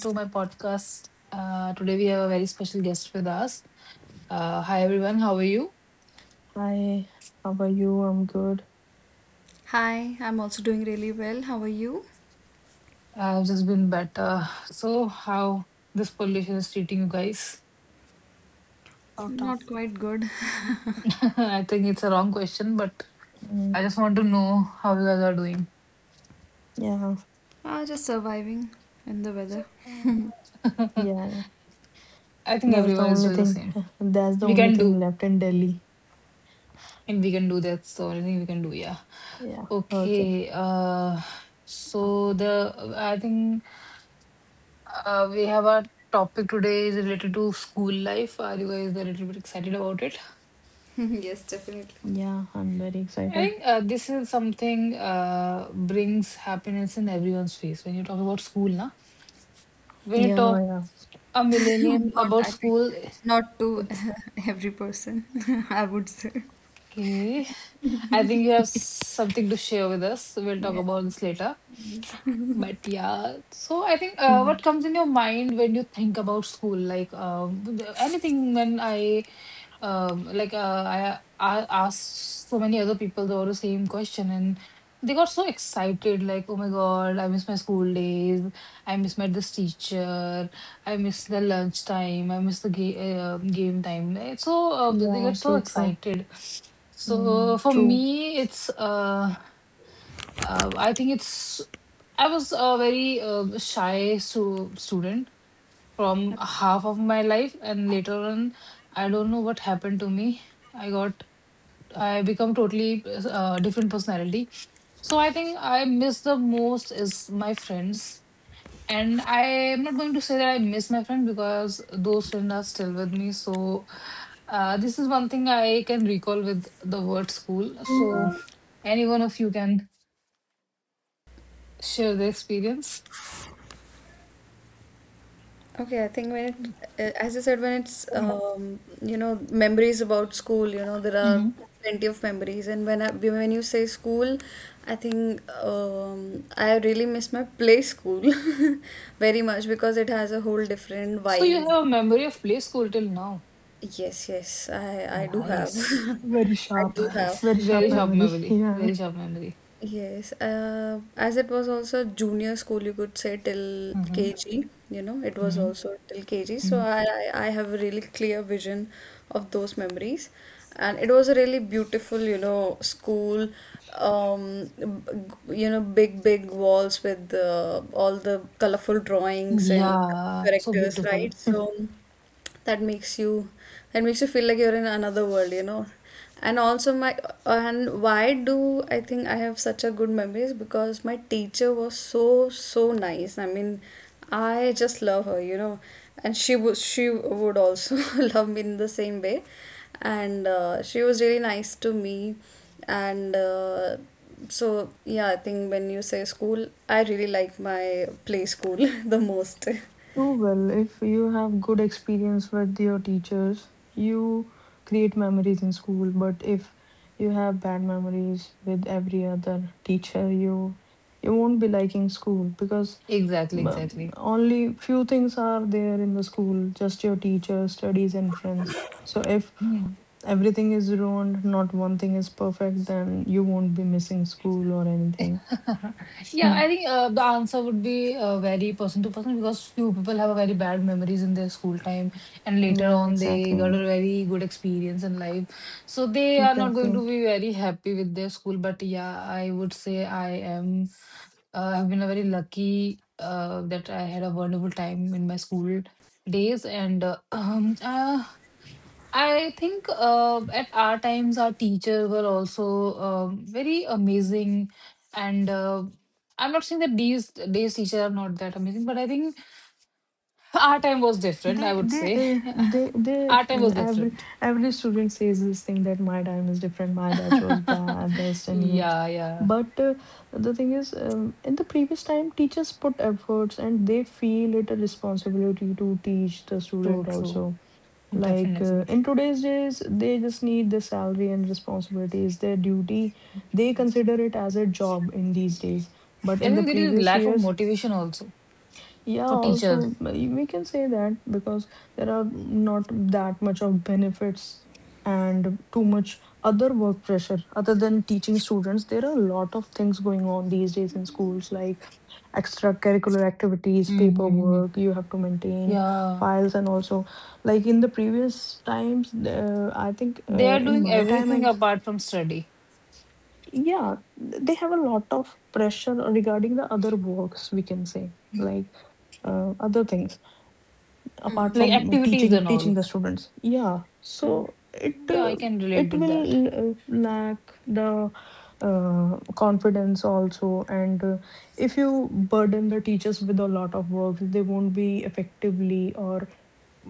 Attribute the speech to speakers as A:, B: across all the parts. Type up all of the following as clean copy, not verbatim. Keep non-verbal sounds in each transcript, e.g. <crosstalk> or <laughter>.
A: to my podcast. Today, we have a very special guest with us. Hi, everyone. How are you?
B: Hi, how about you? I'm good.
C: Hi, I'm also doing really well. How are you?
A: I've just been better. So, how this pollution is treating you guys?
B: Sort
C: Not
B: of.
C: quite good.
A: <laughs> I think it's a wrong question, but I
B: Mm,
A: just want to know how you guys are doing.
B: yeah,
C: Ah, just surviving in the weather.
A: <laughs>
B: yeah.
A: I think
B: That's the
A: everyone is
B: only
A: doing the
B: thing.
A: same.
B: <laughs> That's the
A: We
B: only
A: can
B: thing
A: do,
B: left in Delhi.
A: and we can do that. So, anything we can do, yeah.
B: Yeah. Okay.
A: Okay. So the I think. We have a topic today is related to school life. Are you guys a little bit excited about it?
C: <laughs> Yes, definitely.
B: Yeah, I'm very
A: I
B: excited.
A: think this is something brings happiness in everyone's face. When you talk about school, na? When you
B: Yeah,
A: talk
B: yeah.
A: a
C: <laughs>
A: millennial
C: Not,
A: about
C: I think,
A: school,
C: not to
A: it's
C: <laughs> every person, <laughs> I would say.
A: okay. I think you have something to share with us. So we'll talk
C: Yeah.
A: about this later. But yeah, so I think what
B: Mhm.
A: comes in your mind when you think about school, like anything when I um, like uh, I asked so many other people the same question and they got so excited like, oh my god, I miss my school days, I miss my this teacher, I miss the lunch time, I miss the game time. So they
B: Yeah,
A: get so
B: true, true.
A: excited. So
B: Mm,
A: for
B: true. <laughs>
A: me it's I think it's I was a very shy student from half of my life, and later on I don't know what happened to me. I got I become totally different personality. So I think I miss the most is my friends, and I am not going to say that I miss my friend because those friends are still with me. So this is one thing I can recall with the word school. So any one of you can share the experience.
C: Okay, I think when it, as you said, when it's,
B: Mm,
C: memories about school, there are
A: Hmm.
C: plenty of memories. And when you say school, I think I really miss my play school <laughs> very much because it has a whole different
A: So you
C: vibe.
A: have a memory of play school till now.
C: Yes, yes, I do have. <laughs>
A: Nice.
B: Very
C: I
B: sharp.
C: do have.
A: Nice.
B: Very
C: I
A: Very
B: sharp
C: mean,
A: sharp
B: memory. <laughs>
A: memory.
B: Yeah.
A: Very sharp memory.
C: yes, as it was also junior school, you could say till
A: Mm-hmm.
C: KG, it was
A: Mhm.
C: also till KG. So
A: Mm.
C: I have a really clear vision of those memories. And it was a really beautiful, school, big, big walls with all the colorful drawings and
A: Yeah, so
C: characters, right?
A: beautiful.
C: So that makes you that makes you feel like you're in another world. And also my and why do I think I have such a good memories? Because my teacher was so so nice. I mean, I just love her. And she would also <laughs> love me in the same way, and she was really nice to me. And so yeah, I think when you say school, I really like my play school <laughs> the most.
B: Oh, well, if you have good experience with your teachers, you create memories in school. But if you have bad memories with every other teacher, you won't be liking school, because
A: Exactly,
B: um,
A: exactly.
B: only few things are there in the school, just your teacher, studies, and friends. So if
A: Hmm.
B: everything is ruined, not one thing is perfect, then you won't be missing school or anything.
A: <laughs>
B: <laughs>
A: Yeah,
B: Hmm.
A: I think the answer would be very person to person, because few people have a very bad memories in their school time, and later
B: Yeah,
A: on they got
B: exactly.
A: a very good experience in life, so they are not going
B: Exactly.
A: to be very happy with their school. But yeah, I would say I am I've been a very lucky that I had a wonderful time in my school days, and <clears throat> I think at our times our teachers were also very amazing, and I'm not saying that these days teachers are not that amazing, but I think <laughs> our time was different.
B: They,
A: I would
B: they,
A: say
B: uh, they,
A: <laughs>
B: they,
A: our time
B: uh,
A: was
B: every,
A: different.
B: every student says this thing that my time is different, my batch was best,
A: <laughs>
B: anyway.
A: Yeah, yeah,
B: But the thing is, in the previous time, teachers put efforts and they feel it a responsibility to teach the
A: true,
B: student
A: true,
B: also. Like
A: definitely.
B: in today's days, they just need the salary and responsibilities, their duty. They consider it as a job in these days. But
A: I
B: in the
A: think there is
B: previous
A: lack of
B: years,
A: motivation also
B: yeah,
A: for teachers.
B: also, we can say that, because there are not that much of benefits and too much other work pressure other than teaching students. There are a lot of things going on these days in schools, like extracurricular activities,
A: Mm-hmm.
B: paperwork, you have to maintain
A: Yeah.
B: files, and also, like in the previous times, I think
A: They are
B: in
A: doing
B: my time,
A: everything apart from study,
B: yeah, they have a lot of pressure regarding the other works, we can say, like other things apart
A: like
B: from
A: activities
B: teaching
A: and
B: teaching
A: all.
B: the students. Yeah, so it
A: Yeah,
B: uh,
A: I can relate
B: it
A: with that.
B: will lack the confidence also. And if you burden the teachers with a lot of work, they won't be effectively, or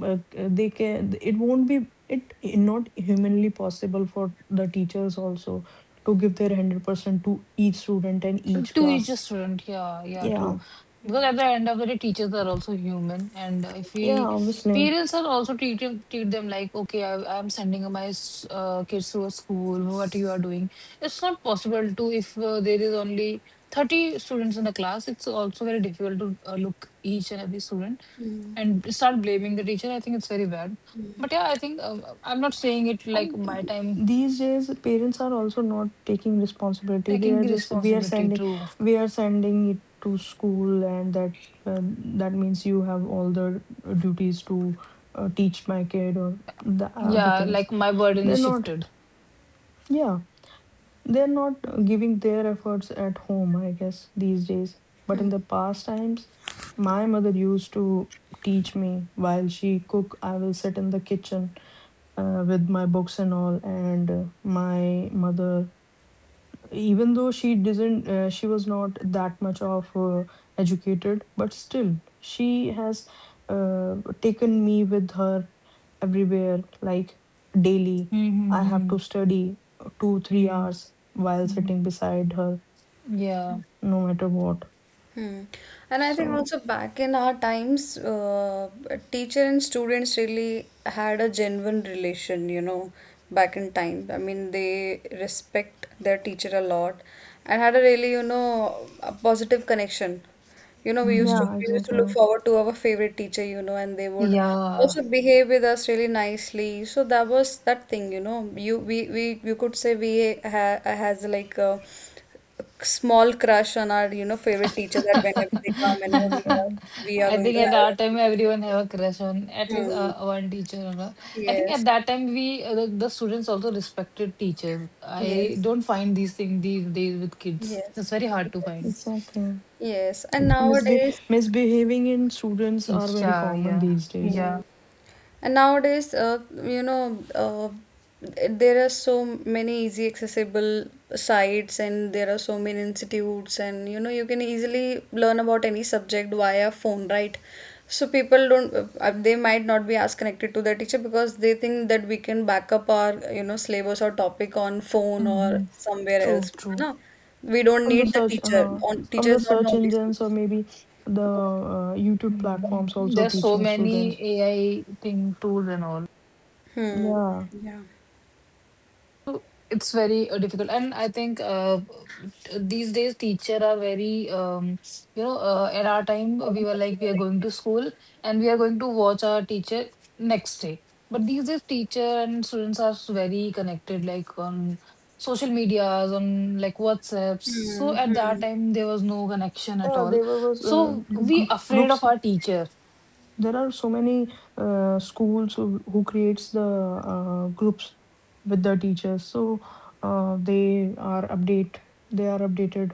B: they can, it won't be, it not humanly possible for the teachers also to give their 100% to each student and each
A: To each a
B: class.
A: student, yeah, yeah, true.
B: Yeah,
A: Because at the end of the day, teachers are also human, and if
B: yeah,
A: we
B: obviously.
A: parents are also treat them like, okay, I'm sending my kids to a school. What you are doing, it's not possible to if there is only 30 students in the class. It's also very difficult to look each and every student, and start blaming the teacher. I think it's very bad. But yeah, I think I'm not saying it like
B: And
A: my
B: th-
A: time
B: these days, parents are also not taking responsibility. They
A: taking
B: are
A: the
B: just, we are
A: responsibility
B: sending,
A: to
B: we are sending it to school, and uh, that means you have all the duties to teach my kid or the other
A: yeah,
B: things.
A: like my burden is
B: They're not,
A: shifted.
B: yeah, they're not giving their efforts at home, I guess, these days. But in the past times, my mother used to teach me while she cook. I will sit in the kitchen with my books and all, and my mother, even though she was not that much of educated, but still she has uh, taken me with her everywhere, like daily I have
A: Mm-hmm.
B: to study 2 3
A: Mm-hmm.
B: hours while sitting beside her,
A: Yeah.
B: no matter what.
C: Hmm. And I think
B: So
C: also back in our times, teacher and students really had a genuine relation, back in time. I mean, they respect their teacher a lot and had a really, a positive connection. We used to
A: Mm-hmm.
B: yeah,
C: we used to
B: exactly.
C: look forward to our favorite teacher, and they would
A: Yeah.
C: also behave with us really nicely. So that was that thing, you know. You we you could say we ha has like a small crush on our, favorite teacher, that whenever they come,
B: <laughs>
C: whenever we
A: <laughs>
C: are,
B: Exactly,
C: we are
A: I
C: going
A: think
C: to
A: at
C: have
A: our
C: our
A: time
C: favorite
A: everyone
C: subject.
A: have a crush on at least
C: Hmm.
A: one teacher. Or not. I think at
C: Yes.
A: that time we the students also respected teachers. I
C: Yes.
A: don't find these things these days with kids.
C: Yes.
A: It's very hard to find.
C: Yes.
B: exactly.
C: Yes. And
B: Misbe-
C: nowadays,
B: misbehaving in students are very
A: Yeah,
B: common
A: yeah,
B: these days.
A: yeah.
C: Mm. And nowadays, there are so many easy accessible sites, and there are so many institutes, and you know, you can easily learn about any subject via phone, right? So people don't, they might not be as connected to their teacher because they think that we can back up our, syllabus or topic on phone or
A: Hmm.
C: somewhere
A: True,
C: else.
A: true.
C: No, we don't
B: From the
C: need the
B: search,
C: teacher.
B: uh-huh.
C: On
B: From
C: teacher
B: the
C: is not the
B: search
C: only
B: engines, or
C: source.
B: maybe the YouTube
A: Mhm.
B: platforms also
A: There's so
B: teaching
A: many
B: students.
A: AI thing tools and all.
C: Hmm.
B: Yeah.
C: Yeah.
A: So, it's very difficult, and I think these days teacher are very at our time we were like we are going to school and we are going to watch our teacher next day. But these days teacher and students are very connected, like on social medias, on like WhatsApps. So
C: Hmm.
A: at that
C: Hmm.
A: time there was no connection at
B: Yeah,
A: all.
B: there were was
A: So
B: the gr
A: we afraid of
B: groups.
A: our teacher.
B: There are so many schools who creates the groups with the teachers. So uh, they are update. they are updated.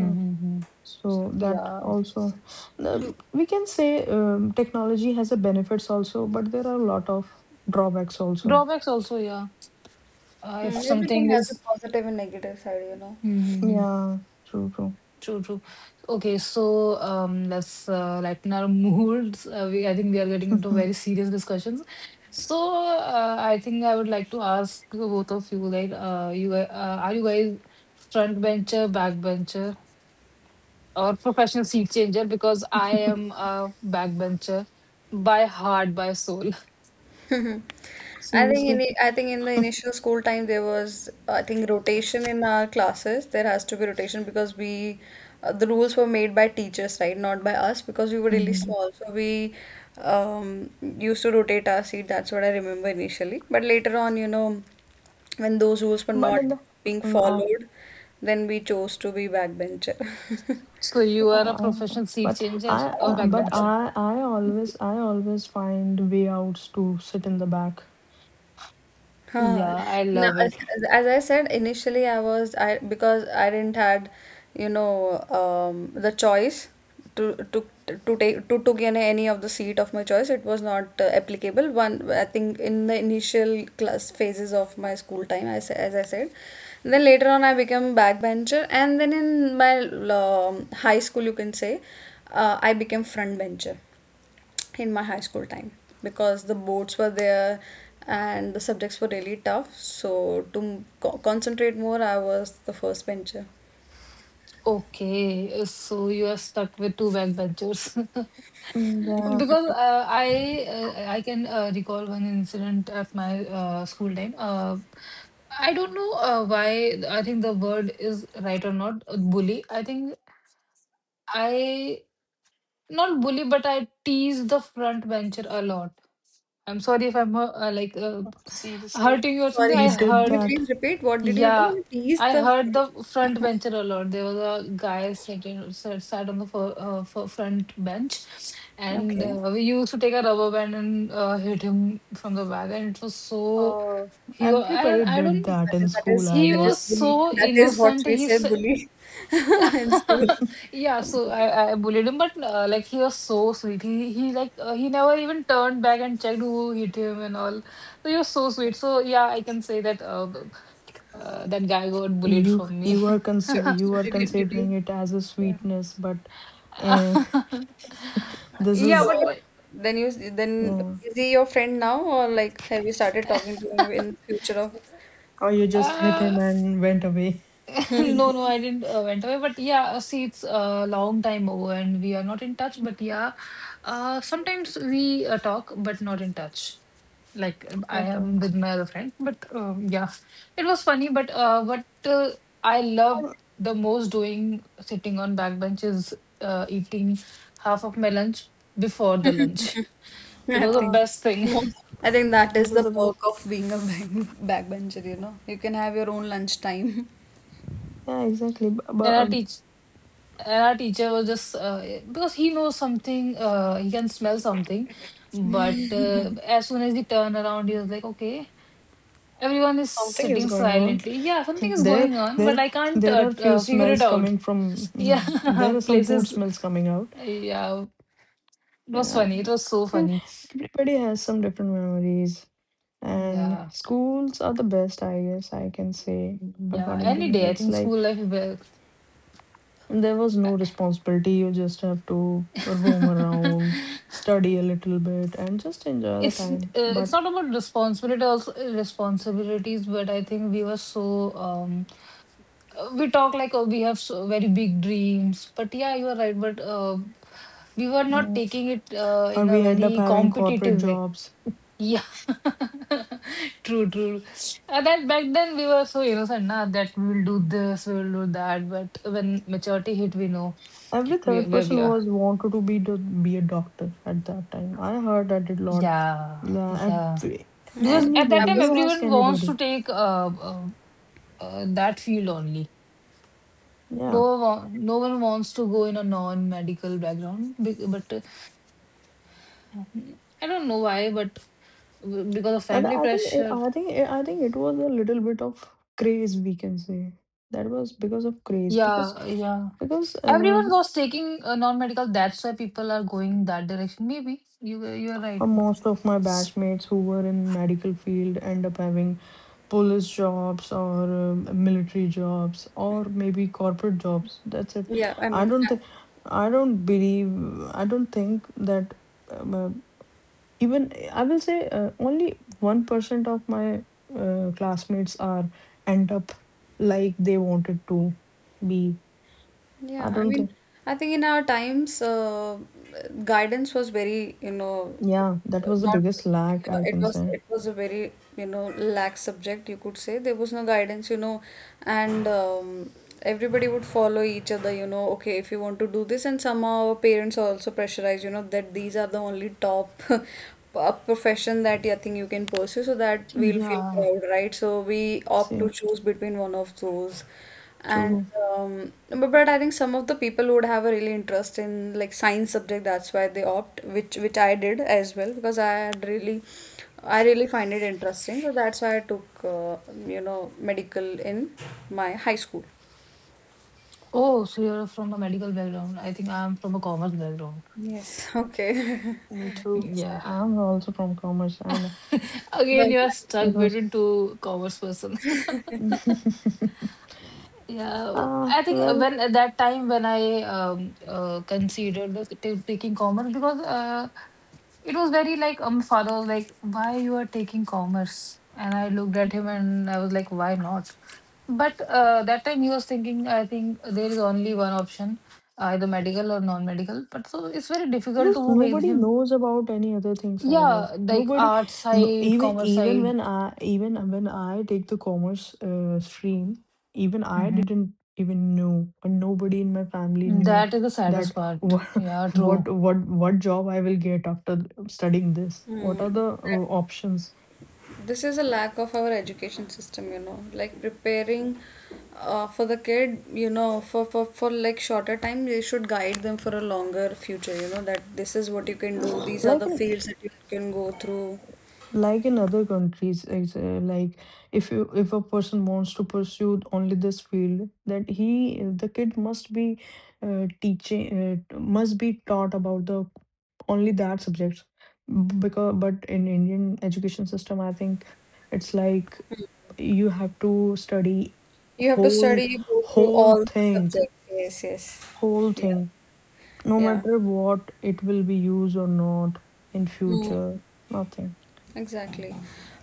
B: Uh, so that
A: Yeah.
B: also,
A: D-
B: we can say technology has a benefits also, but there are a lot of drawbacks also.
A: Drawbacks also, yeah. If
C: Hmm, everything
A: something
C: has a
A: is.
C: positive and negative side.
A: Hmm hmm.
B: Yeah, true, true.
A: True, true. Okay, so let's lighten our <laughs> moods. I think we are getting into very
B: Mhm.
A: serious discussions. So I think I would like to ask both of you, like, are you guys front bencher, back bencher, or professional seat changer? Because I am a back bencher by heart, by soul.
C: <laughs> I think in
B: Seriously,
C: the- I think in the initial school time, there was, I think, rotation in our classes. There has to be rotation because we the rules were made by teachers, right? Not by us because we were really
A: Mhm.
C: small. So we um, used to rotate our seat. That's what I remember initially. But later on, when those rules were
B: but
C: not
B: in the
C: being
B: mm,
C: followed, then we chose to be backbencher.
A: So you are a professional seat
B: but
A: changer
B: I
A: or
B: uh,
C: <laughs>
A: back
B: but
A: bencher?
B: I I always I always find way outs to sit in the back.
C: Huh.
A: Yeah, I
C: Now,
A: love
C: as
A: it.
C: as I said initially, I because I didn't had, the choice to to to take to took any of the seat of my choice. It was not applicable. One, I think, in the initial class phases of my school time, as I said. Then later on, I became backbencher, and then in my high school, you can say, I became frontbencher in my high school time because the boards were there and the subjects were really tough. So to concentrate more, I was the first bencher.
A: Okay, so you are stuck with two backbenchers. <laughs>
B: Mm, yeah,
A: Because I can recall one incident at my school time. I don't know why I think the word is right or not, bully. I think I not bully, but I tease the front bencher a lot. I'm sorry if I'm
B: seriously,
A: hurting you or something.
C: Sorry,
A: I
B: you
C: sir,
B: did
C: can you
A: hurt
B: that.
C: please repeat? What did you do?
A: yeah,
C: You teased
A: I
C: the.
A: heard the front bencher a lot. There was a guy sitting sat on the front bench, and
C: Okay.
A: we used to take a rubber band and hit him from the back, and it was so
B: Uh,
A: he go
B: Everybody
A: I
B: did
A: don't
B: that
C: That
B: in
C: is, that
B: school,
C: is
B: I
A: he
C: that is
A: was
B: guess.
C: bully.
A: so
C: That is what
A: innocent.
C: we
A: He
C: say
A: said,
C: bully <laughs> in school.
A: <laughs> yeah. So
C: Bully.
A: I bullied him, but like he was so sweet. He like he never even turned back and checked who hit him and all. So he was so sweet. So yeah, I can say that.
B: Uh,
A: That guy got bullied
B: you
A: from me.
B: you are
C: So,
A: <laughs>
B: consi- you
C: so
B: are
C: did you?
B: considering it as a
C: Yeah.
B: sweetness, but uh, <laughs> this
A: Yeah,
C: So
B: is,
A: but
C: then you then
B: yeah.
C: is he your friend now, or like, have you started talking to him in the
A: <laughs>
C: future of?
B: Or you just hit him
A: uh,
B: and went away.
A: <laughs> no, no, I didn't went away. But yeah, see, it's a long time ago, and we are not in touch. But yeah, sometimes we talk, but not in touch. Like I am
B: Okay.
A: with my other friend. But yeah, it was funny. But what I love
B: Um,
A: the most doing sitting on back bench is eating half of my lunch before the lunch. <laughs>
C: <laughs>
A: It
C: I
A: was the
C: think
B: Uh,
A: best thing.
C: most,
A: <laughs>
C: I think that
B: this
C: is
B: is
C: the
B: the best.
C: perk of being a back, backbencher, you know. You can have your own lunch time. <laughs>
B: Yeah, exactly. B-
A: And
B: But
A: our
B: um,
A: teach and our teacher was just because he knows something, he can smell something. But as soon as he turned around, he was like, "Okay, everyone is
B: something is
A: sitting
B: going on. <laughs>
A: silently. Yeah, something is
B: There,
A: going on, but
B: there,
A: I can't
B: there are few
A: figure it
B: smells
A: out."
B: coming from. Mhm.
A: Yeah,
B: There are
A: <laughs>
B: some food
A: places.
B: smells coming out.
A: Yeah, it was
B: Yeah,
A: funny. It was so
B: Every-
A: funny.
B: everybody has some different memories, and
A: Yeah,
B: schools are the best. I guess, I can say,
A: yeah.
B: according to
A: Any
B: me,
A: day, I
B: it's
A: think
B: like
A: school life. Well,
B: there was no responsibility. You just have to roam
A: <laughs>
B: around, study a little bit, and just enjoy the time.
A: it's
B: But
A: not about responsibility also responsibilities, but I think we were so we talk like oh we have so very big dreams, but yeah, you are right. But we were not
B: mm,
A: taking it
B: or
A: in a
B: we end up
A: very
B: having corporate
A: competitive way.
B: jobs.
A: Yeah, <laughs> true, true. That back then we were so innocent, na, that we will do this, we will do that. But when maturity hit, we know
B: Every
A: where,
B: third
A: where we
B: person
A: are.
B: was wanted to be be a doctor at that time. I heard that a lot.
A: Yeah,
B: La-
A: yeah.
B: every-
C: Yeah,
A: Because at
C: I
A: that
B: Anybody,
A: time,
C: was,
B: you ask
A: everyone wants
B: anybody,
A: to take that field only. No,
B: yeah.
A: one no one wants to go in a non-medical background. But uh, I don't know why, but because of
B: And
A: family pressure.
B: I think it was a little bit of craze, we can say. That was because of craze, because
A: Yeah, yeah.
B: because uh,
A: Everyone was taking non-medical. That's why people are going that direction. Maybe you are right.
B: uh, most of my batchmates who were in medical field end up having police jobs, or military jobs, or maybe corporate jobs. That's it.
C: yeah, I
B: I
C: mean,
B: don't think, I don't believe, I don't think that um, uh, even I will say only 1% of my classmates are end up like they wanted to be. I
C: yeah, I
B: don't
C: mean,
B: think,
C: I think in our times, guidance was very,
B: yeah, that was the
C: not,
B: biggest lack,
C: yeah,
B: I
C: it
B: can
C: was
B: say.
C: a very, lax subject, you could say. There was no guidance, and everybody would follow each other, okay, if you want to do this. And somehow parents are also pressurized, that these are the only top <laughs> a profession that I think you can pursue, so that we'll feel
A: Yeah.
C: proud, right? So we opt
B: See,
C: to choose between one of those. And
B: true.
C: but I think some of the people would have a really interest in like science subject. That's why they opt, which I did as well because I really find it interesting. So that's why I took medical in my high school.
A: Oh, so you're from a medical background. I think I'm from a commerce background.
C: Yes. Okay. <laughs>
B: Me
A: Mm.
B: too.
C: Yes, I
A: Yeah.
C: am.
B: I'm also from commerce, and it
A: <laughs> Again,
C: Well,
A: you are
C: that-
A: stuck
B: was.
A: between two commerce person. <laughs>
B: <laughs>
A: Yeah,
B: Ah,
A: I think
B: well.
A: when at that time when I considered the taking commerce because it was very like father was like why you are taking commerce and I looked at him and I was like why not. But that time he was thinking, I think there is only one option, either medical or non-medical. But so it's very difficult
B: Because
A: to make
B: nobody
A: him,
B: knows about any other things, I guess.
A: yeah, like
B: Nobody,
A: art
B: no,
A: side,
B: even
A: commerce
B: even
A: side.
B: when I even when I take the commerce stream, even I didn't even know, or nobody in my family
A: Hmm.
B: knew
A: That is the saddest
B: that
A: part.
B: what
A: Yeah,
B: <laughs>
A: true.
B: what job I will get after studying this. What are
C: Hmm.
B: the options?
C: This is a lack of our education system, like preparing for the kid, for like shorter time. They should guide them for a longer future, that this is what you can do, these are
B: Like
C: the fields that you can go through.
B: like in other countries, is, like if a person wants to pursue only this field, that he the kid must be teaching must be taught about the only that subjects, because, but in Indian education system, I think it's like you have to study
C: You have to
B: whole
C: study, you go through
B: whole
C: all the
B: thing
C: subjects. Yes, yes.
B: whole
C: Yeah.
B: thing no
C: Yeah.
B: matter what it will be used or not in
C: Hmm.
B: future, nothing.
C: Exactly.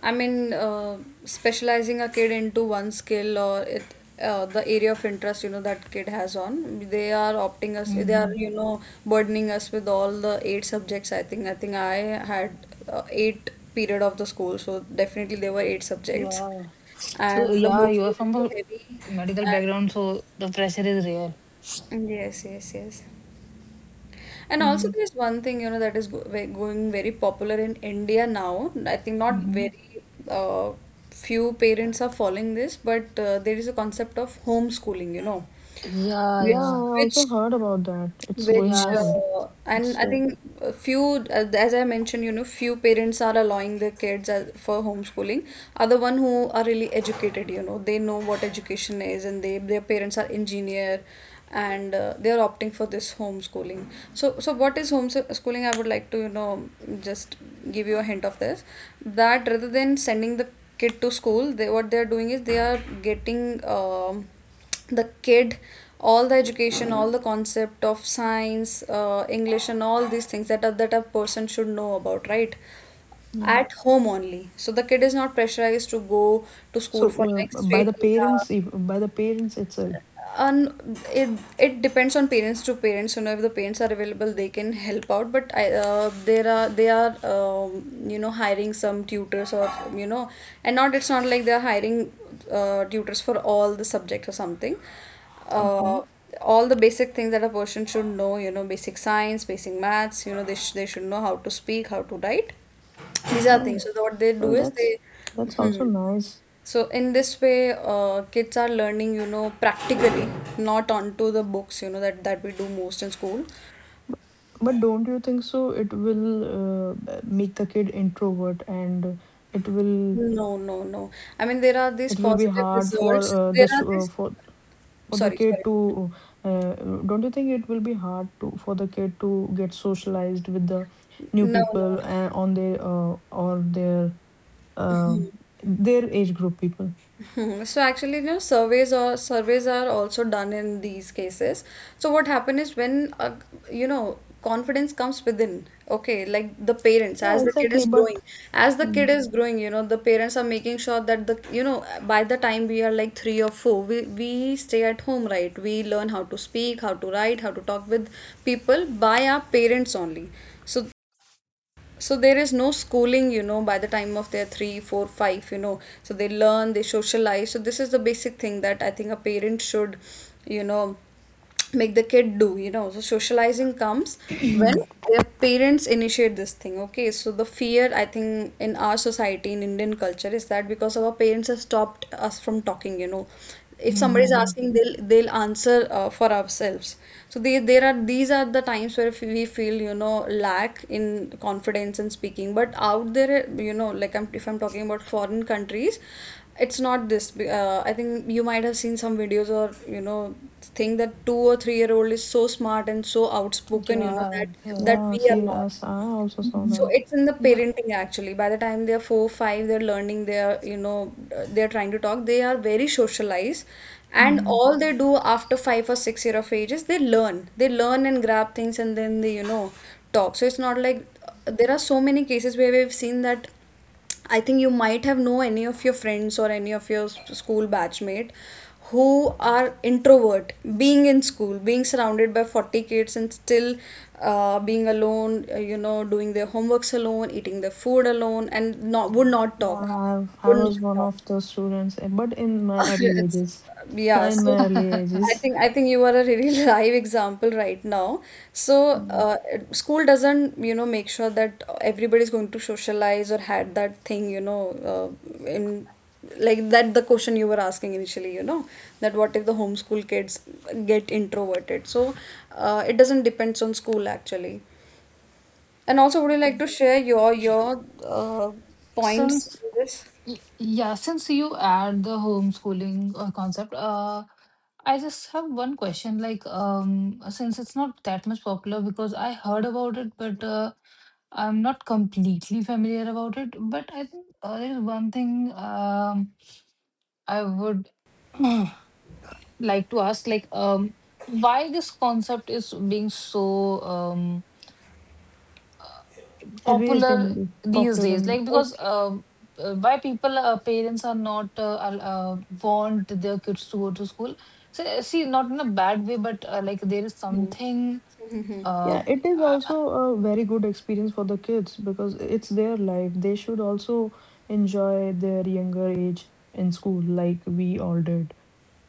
C: I mean, specializing a kid into one skill or the area of interest, that kid has on. They are opting us, they are,
A: Hmm.
C: you know, burdening us with all the eight subjects. I think I had eight period of the school, so definitely there were eight subjects,
A: Yeah. So
C: and the
A: yeah,
C: books
A: you are
C: were
A: from
C: really
A: a
C: heavy,
A: medical background, so the pressure is real.
C: and yes, yes, yes. And also,
B: Mm-hmm.
C: there's one thing, that is going very popular in India now. I think not
A: Mm-hmm.
C: very uh, few parents are following this, but there is a concept of homeschooling,
A: Yeah,
B: Yeah,
C: which
A: yeah,
B: I
C: which
B: also heard about that. It's going
A: yes,
B: on.
C: and
B: It's
C: I
B: uh,
C: think a few, as I mentioned, few parents are allowing their kids for homeschooling, are the one who are really educated, they know what education is, and their parents are engineer, and they are opting for this homeschooling. So what is homeschooling? I would like to, just give you a hint of this. That rather than sending the kid to school, what they are doing is they are getting, the kid all the education, all the concept of science, english and all these things that that a person should know about, right,
B: yeah.
C: at home only. So the kid is not pressurized to go to school for
B: So
C: like
B: by
C: straight
B: the
C: 8 hours,
B: parents, by the parents itself.
C: and it depends on parents to parents. If the parents are available, they can help out. But I, there are they are hiring some tutors, or and not, it's not like they're hiring tutors for all the subjects or something. uh,
B: Okay.
C: all the basic things that a person should know, basic science, basic maths, they should know how to speak, how to write, these are
B: Oh,
C: things, so what they do
B: well,
C: is
B: that's,
C: they.
B: that's
C: Hmm.
B: also nice.
C: So in this way, kids are learning, practically, not onto the books, that we do most in school.
B: But don't you think so? It will make the kid introvert, and it will
C: No, no, no. I mean, there are these
B: it will be
C: positive
B: hard for
C: results.
B: uh,
C: There
B: the
C: are
B: stu- uh,
C: these.
B: for for the
C: Sorry, sorry.
B: kid to. Uh, don't you think it will be hard to for the kid to get socialized with the new
C: No, no,
B: people,
C: no.
B: on their or their um, their age group people.
C: <laughs> So actually, surveys are also done in these cases. So what happened is, when confidence comes within. Okay, like the parents,
B: Yeah, exactly. But
C: as the kid
B: mm,
C: is growing, the parents are making sure that the you know by the time we are like 3 or 4, we stay at home, right? We learn how to speak, how to write, how to talk with people by our parents only. So so there is no schooling, you know, by the time of their 3 4 5, you know. So they learn, they socialize. So this is the basic thing that I think a parent should, you know, make the kid do, you know. So socializing comes when
A: <clears throat>
C: their parents initiate this thing. Okay. So the fear, I think, in our society, in Indian culture, is that because our parents have stopped us from talking, you know, if somebody is
A: hmm
C: asking, they'll answer for ourselves. So there are, these are the times where we feel, you know, lack in confidence in speaking. But out there, you know, like if I'm talking about foreign countries, it's not this. I think you might have seen some videos, or you know, think that 2 or 3 year old is so smart and so outspoken, you know,
A: yeah,
C: that
A: yeah,
C: that
B: yeah,
C: we
B: see,
C: are not.
B: as I also saw
A: hmm
C: So
B: that.
C: it's in the
A: yeah.
C: parenting actually. By the time they're 4, 5, they're learning, they're, you know, they're trying to talk, they are very socialized. And
A: Hmm.
C: all they do after 5 or 6 year of age is they learn. They learn and grab things, and then they, you know, talk. So it's not like there are so many cases where we've seen that. I think you might have know any of your friends or any of your school batchmate who are introvert, being in school, being surrounded by 40 kids, and still being alone, you know, doing their homeworks alone, eating their food alone, and not would not
B: Yeah,
C: talk.
B: I
C: Would not
B: was one
C: talk.
B: of those students, eh, but in my
C: <laughs>
B: early
C: It's,
B: ages, <laughs>
C: yeah,
B: in
C: so
B: my early
C: I
A: <laughs>
B: ages,
C: think I think you are a really <laughs> live example right now. So
B: mm,
C: school doesn't, you know, make sure that everybody's going to socialize or had that thing, you know, in like that the question you were asking initially, you know, that what if the homeschool kids get introverted? So it doesn't depends on school actually. And also, would you like
B: okay.
C: to share your points
A: Since
C: in this?
A: Yeah, since you add the homeschooling concept, I just have one question. Like, since it's not that much popular, because I heard about it, but I'm not completely familiar about it. But I think there is one thing, I would <clears throat> like to ask, like, why this concept is being so
B: Raised
A: popular
B: in
A: these
B: popular,
A: days,
B: and
A: like, because why people parents are not want their kids to go to school. So see, not in a bad way, but like, there is something
C: Hmm. <laughs>
A: uh,
B: yeah, it is also a very good experience for the kids, because it's their life. They should also enjoy their younger age in school, like we all did,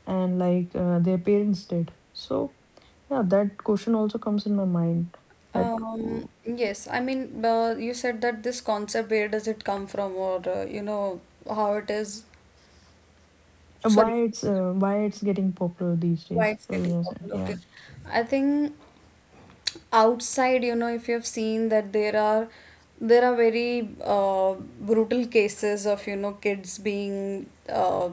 B: and like their parents did. So yeah, that question also comes in my mind, that w-
C: Yes, I mean, you said that this concept, where does it come from, or you know, how it is, sorry,
B: why it's getting popular these
C: why
B: days.
C: it's
B: So,
C: getting popular. Okay,
B: yeah,
C: I think outside, you know, if you have seen that there are very brutal cases of, you know, kids being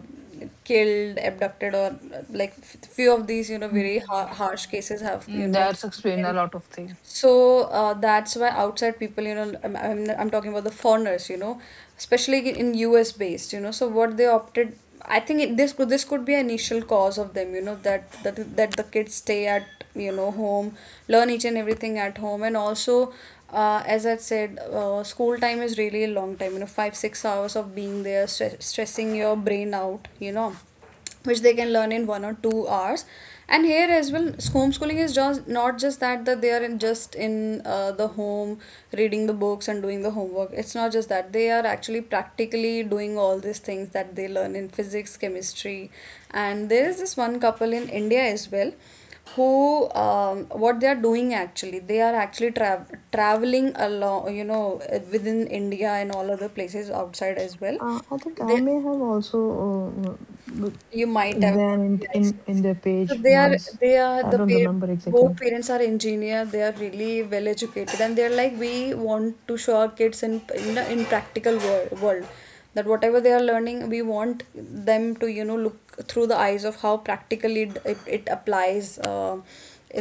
C: killed, abducted, or like few of these, you know, very harsh
A: mm,
C: cases have, you know.
A: that's explain a lot of things.
C: So that's why outside people, you know, I'm talking about the foreigners, you know, especially in US based, you know. So what they opted, I think this could be an initial cause of them, you know, that the kids stay at, you know, home, learn each and everything at home, and also. As I said, school time is really a long time, you know, five, 6 hours of being there, stressing your brain out, you know, which they can learn in 1 or 2 hours. And here as well, homeschooling is just not just that they are in just in the home reading the books and doing the homework. It's not just that. They are actually practically doing all these things that they learn in physics, chemistry. And there is this one couple in India as well who, what they are doing actually, they are actually traveling along, you know, within India and all other places outside as well.
B: I think I
C: They,
B: may have also uh, w-
C: you might have
B: ran
C: heard,
B: in,
C: yes.
B: in
C: Yes.
B: their
C: So
B: page once.
C: they are
B: I
C: the
B: don't
C: pa-
B: remember
C: both
B: exactly.
C: parents are engineer. They are really well educated, and they're like, we want to show our kids in practical world that whatever they are learning, we want them to, you know, look through the eyes of how practically it applies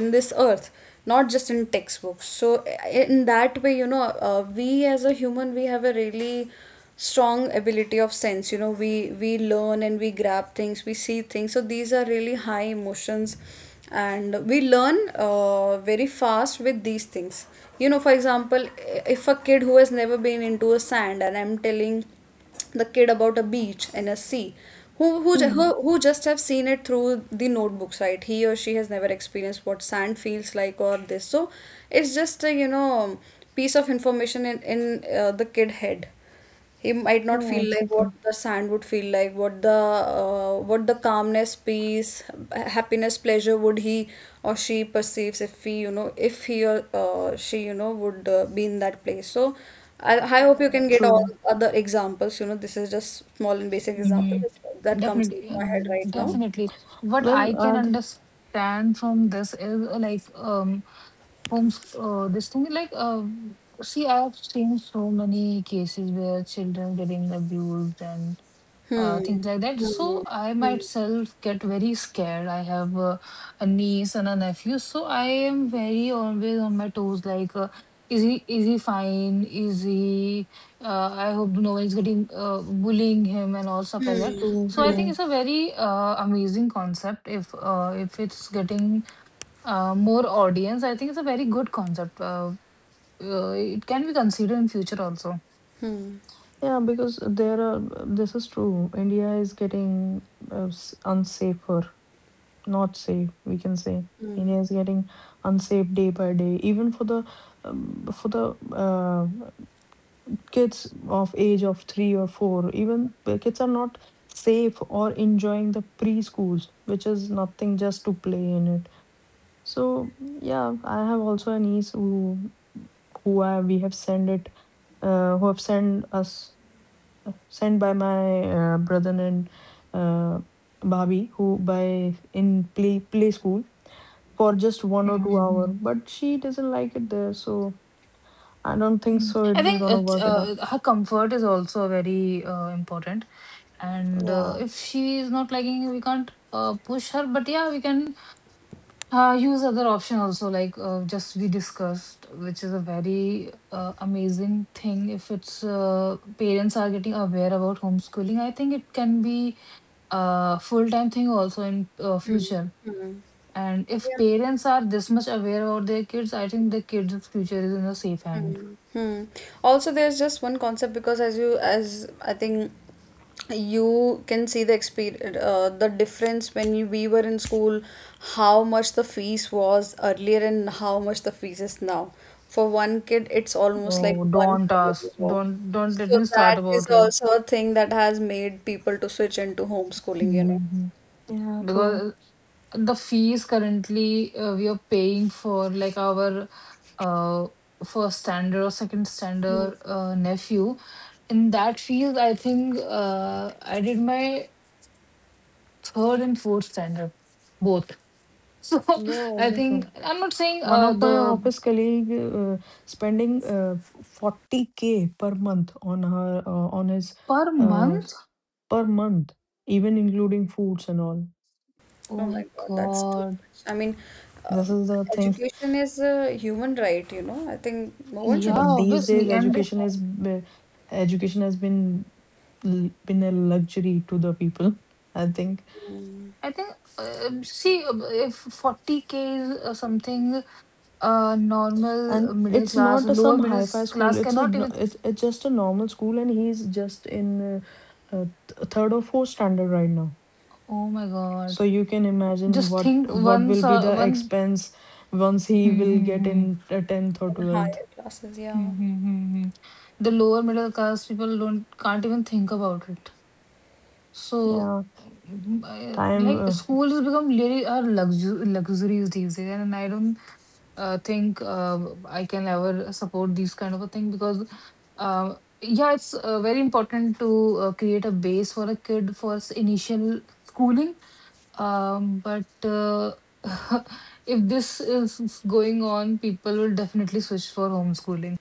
C: in this earth, not just in textbooks. So in that way, you know, we as a human, we have a really strong ability of sense, you know. We learn and we grab things, we see things. So these are really high emotions, and we learn, very fast with these things, you know. For example, if a kid who has never been into a sand and I'm telling the kid about a beach and a sea, who who ju-
B: Hmm.
C: who, who just have seen it through the notebooks, right? He or she has never experienced what sand feels like or this. So it's just a, you know, piece of information in the kid head. He might not
B: Yeah,
C: feel like what
B: exactly.
C: the sand would feel like, what the calmness, peace, happiness, pleasure would he or she perceives if he, you know, if he or she, you know, would be in that place. So I hope
B: Yeah.
C: you can get all
B: True.
C: other examples. You know, this is just small and basic example
A: Hmm.
C: that comes into
A: Definitely, yeah,
C: my head
B: Mm,
C: right now.
B: true.
A: definitely. What
B: Well,
A: I can understand from this is like, homes this thing, like, see, I've seen so many cases where children getting abused and
C: Hmm.
A: things like that.
C: Hmm.
A: So I myself get very scared. I have a niece and a nephew, so I am very always on my toes, like, is he fine, is he I hope no one is getting bullying him and all stuff like that.
C: Hmm.
B: true,
A: So I think
B: true.
A: it's a very amazing concept if it's getting more audience. I think it's a very good concept. It can be considered in future also.
C: Hmm.
B: Yeah, because there are. This is true. India is getting unsafer, not safe, we can say.
C: Hmm.
B: India is getting unsafe day by day, even for the um, for the uh, kids of age of 3 or 4. Even the kids are not safe or enjoying the preschools, which is nothing just to play in it. So yeah, I have also a niece, who I, we have sent it, who have sent us, sent by my brother and uh, Bhabi, who by in play school for just 1 or 2 hour,
A: Mm-hmm.
B: but she doesn't like it there, so I don't think
A: Mm.
B: so it
A: I
B: will
A: think
B: gonna work it out.
A: her comfort is also very important. And
B: Yeah.
A: if she is not liking it, we can't push her. But yeah, we can use other option also, like, just we discussed, which is a very amazing thing. If it's parents are getting aware about homeschooling, I think it can be a full time thing also in
C: Hmm.
A: future.
C: Hmm.
A: And if
C: Hmm.
A: parents are this much aware about their kids, I think the kids' future is in a safe hand.
C: Mm. Hmm. Also, there's just one concept because as I think you can see the experience, the difference, when we were in school, how much the fees was earlier and how much the fees is now. For one kid, it's almost like
A: Oh,
C: one
A: don't
C: crore
A: ask.
C: euro
A: Don't let
C: So
A: me start
C: that is
A: about it.
C: also a thing that has made people to switch into homeschooling, you know.
A: Mm-hmm.
B: Yeah, true,
A: Because the fees currently we are paying for, like, our uh first standard or second standard nephew in that field, I think I did my third and fourth standard both, <laughs> so
B: yeah,
A: I think
B: everything.
A: I'm not saying
B: One of my
A: the
B: office colleague uh, spending 40K per month on her on his
A: per
B: uh,
A: month.
B: per month, even including foods and all.
A: Oh
C: Oh my
A: my
C: God, that's too
A: God.
C: much. I mean,
B: This
C: um,
B: is the thing,
C: education is a human right, you know. I think no one should
B: but
A: Yeah,
C: be paying
B: these
C: this
B: days
A: obviously.
C: much of an
A: And
B: education
C: amount
B: has been been a luxury to the people, I think.
A: I think, see, if 40K is something normal
B: And
A: middle
B: it's
A: class,
B: not a
A: lower
B: some
A: middle
B: hi-fi school.
A: class
B: It's a
A: cannot
B: no-
A: even.
B: it's just a normal school, and he's just in third or fourth standard right now.
A: Oh my God.
B: So you can imagine
A: Just
B: what
A: think
B: will
A: once,
B: be the
A: one.
B: expense once he
A: Hmm,
B: will
A: hmm,
B: get
A: hmm.
B: in 10th or
C: in
B: 12th.
C: higher classes.
A: Hmm,
C: Yeah,
A: hmm, hmm, hmm. The lower middle class people don't can't even think about it. So,
B: Yeah, time.
A: like, schools become really are luxuries these days, and I don't think I can ever support these kind of a thing because, uh, yeah, it's very important to create a base for a kid for initial schooling. But <laughs> if this is going on, people will definitely switch for homeschooling.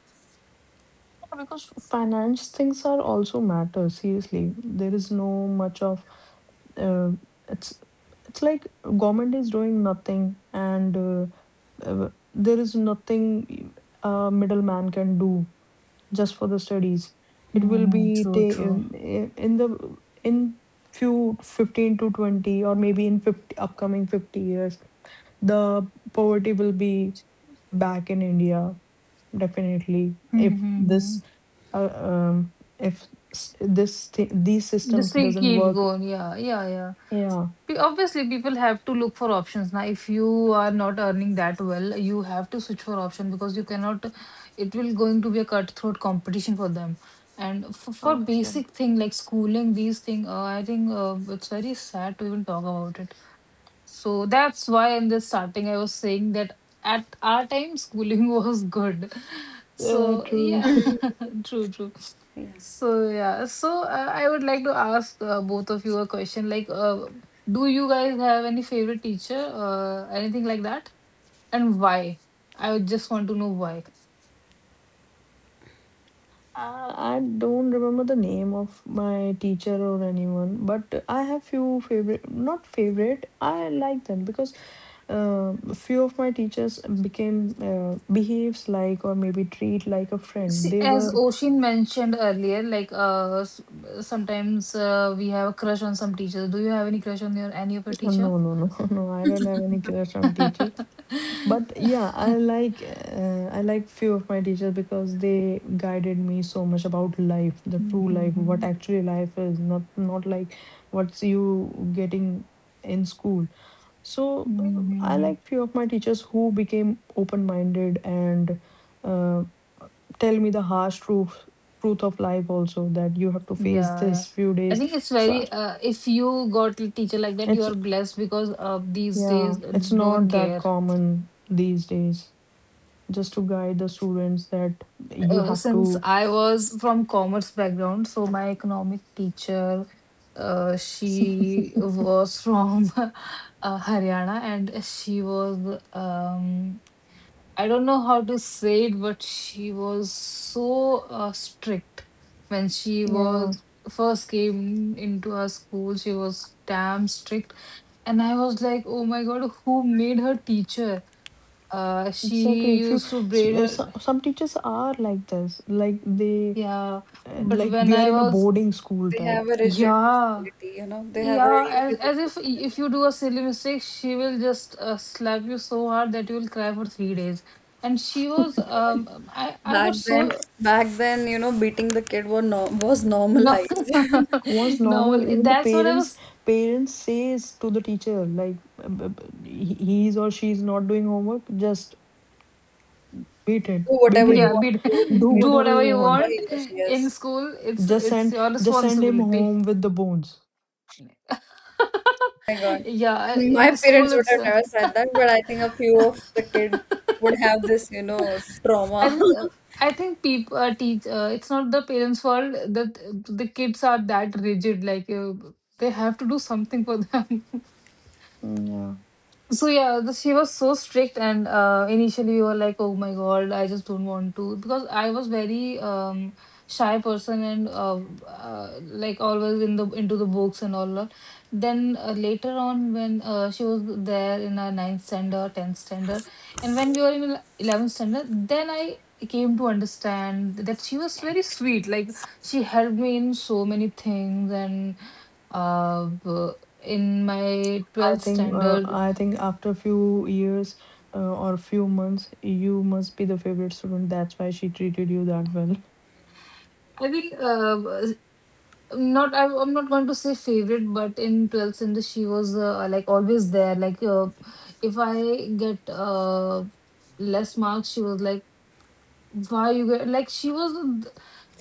B: Yeah, because finance things are also matter, seriously. There is no much of uh, it's it's like government is doing nothing, and there is nothing a middleman can do just for the studies. It will
A: Mm,
B: be
A: true, true.
B: in the in few 15 to 20, or maybe in 50 upcoming 50 years, the poverty will be back in India. Definitely. If
A: Mm-hmm.
B: this, uh, um, if s- this thi- these systems
A: Just, like,
B: doesn't
A: keep
B: work,
A: going. Yeah, yeah, yeah.
B: yeah,
A: Obviously, people have to look for options. Now, if you are not earning that well, you have to switch for option because you cannot, it will going to be a cutthroat competition for them. And for
B: obviously.
A: basic thing like schooling, these thing, I think it's very sad to even talk about it. So that's why in the starting I was saying that at our time schooling <laughs> was good.
B: Yeah,
A: So
B: true.
A: yeah.
B: <laughs>
A: True, true.
C: yeah.
A: So yeah, I would like to ask both of you a question. Like, do you guys have any favorite teacher, anything like that, and why? I would just want to know why.
B: I don't remember the name of my teacher or anyone, but I have few favorite, not favorite. I like them because few of my teachers became behaves like, or maybe treat like a friend.
A: See,
B: They
A: as
B: were
A: Oshin mentioned earlier, like, sometimes we have a crush on some teachers. Do you have any crush on your any of your teacher?
B: No, no, no, <laughs> no. I don't have any crush on teacher.
A: <laughs>
B: But yeah, I like few of my teachers because they guided me so much about life, the true life, what
A: Mhm,
B: actually life is, not like what's you getting in school. So
A: mhm, mhm,
B: I
A: mhm.
B: like few of my teachers who became open-minded and uh, tell me the harsh truth of life also that you have to face
A: Yeah, yeah.
B: this few
A: I
B: days.
A: think it's
B: So
A: very, if you got a teacher like that, you
B: it's
A: are blessed because these
B: yeah,
A: days
B: it's
A: no one
B: not that
A: care.
B: common these days. Just to guide the students that you
A: Uh,
B: have to
A: since I was from commerce background, so my economic teacher,
B: <laughs>
A: she was from <laughs> Haryana, and she was, I don't know how to say it, but she was so strict when she
B: yeah,
A: was first came into her school. She was damn strict. And I was like, oh my God, who made her teacher?
B: exactly.
A: She
B: if you
A: used to
B: s-
A: braid
B: uh, so,
A: her.
B: some teachers are like this, like they
A: Yeah. But when
B: we are
A: I
B: in a
A: was,
B: boarding school
C: They have
B: type
C: a rigid
A: yeah,
C: personality, you know. They have a
A: yeah,
C: really
A: as,
C: rigid
A: as if
C: personality.
A: if you do a silly mistake, she will just slap you so hard that you will cry for 3 days. And she was, I
C: Back
A: got
C: then,
A: so
C: back then, you know, beating the kid was no was
A: no,
C: normalized. <laughs> Do
A: <laughs>
B: was normal.
A: normal.
B: Even the
A: That's what I
B: parents
A: was.
B: parents says to the teacher like he's or she's not doing homework, just beat it beat
C: whatever
B: him,
C: you
A: Yeah,
C: want to do with the
B: do
A: <laughs>
C: kid,
A: do
C: you know,
B: whatever
A: whatever
B: you
A: you
C: make
B: want,
C: sure
A: want
C: he or she
A: in
C: is.
A: school. It's
B: just
A: it's
B: send
A: your
B: just send him
A: responsibility.
B: home with the bones.
C: My
A: <laughs>
C: God.
A: Yeah,
C: My
A: in school
C: parents would
A: it's.
C: have never
A: <laughs>
C: said that, but I think a few of the kids would have this, you know,
A: I
C: trauma.
A: think uh,
C: <laughs>
A: I think people teach. It's not the parents' fault that the kids are that rigid. Like, they have to do something for them. <laughs>
B: Mm. Yeah.
A: So yeah, she was so strict, and initially we were like, "Oh my God, I just don't want to," because I was very shy person and like, always in the into the books and all that. Then later on, when she was there in our ninth standard, 10th standard, and when we were in 11th standard, then I came to understand that she was very sweet. Like, she helped me in so many things and uh, b- in my
B: I
A: 12th
B: think uh,
A: standard
B: I think after few years or few months, you must be the favorite student. That's why she treated you that well.
A: I will not. I'm not going to say favorite, but in 12th Century, she was like, always there. Like, if I get less marks, she was like, "Why you get?" Like, she was.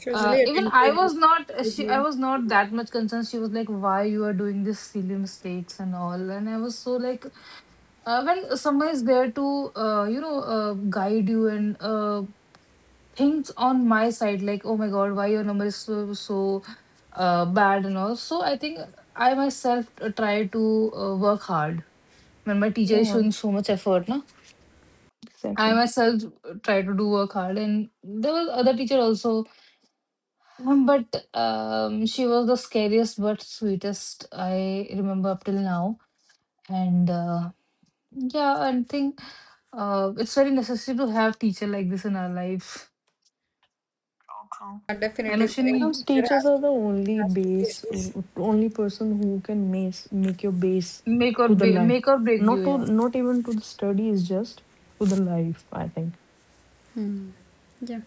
C: She was really
A: Even I
C: attentive
A: was
C: with,
A: not.
C: with
A: She. I
C: you.
A: was not that much concerned. She was like, "Why you are doing this silly mistakes and all?" And I was so like, when someone is there to guide you and things on my side, like, oh my god, why your number is so so bad and all. So I think I myself try to work hard. When my teacher is
B: Yeah,
A: showing so much effort, na, I
B: exactly.
A: myself try to do work hard. And there was other teacher also, but she was the scariest but sweetest I remember up till now. And yeah, I think it's very necessary to have teacher like this in our life.
B: So true.
C: Yeah,
A: And
C: definitely,
B: Because
A: Oshin,
B: teachers are the only
C: there has to be
B: base,
C: a issue.
B: only person who can make your base to the life.
A: make or break you.
B: Not to
A: Yeah,
B: not even to the studies, just to the life, I think.
C: Yeah.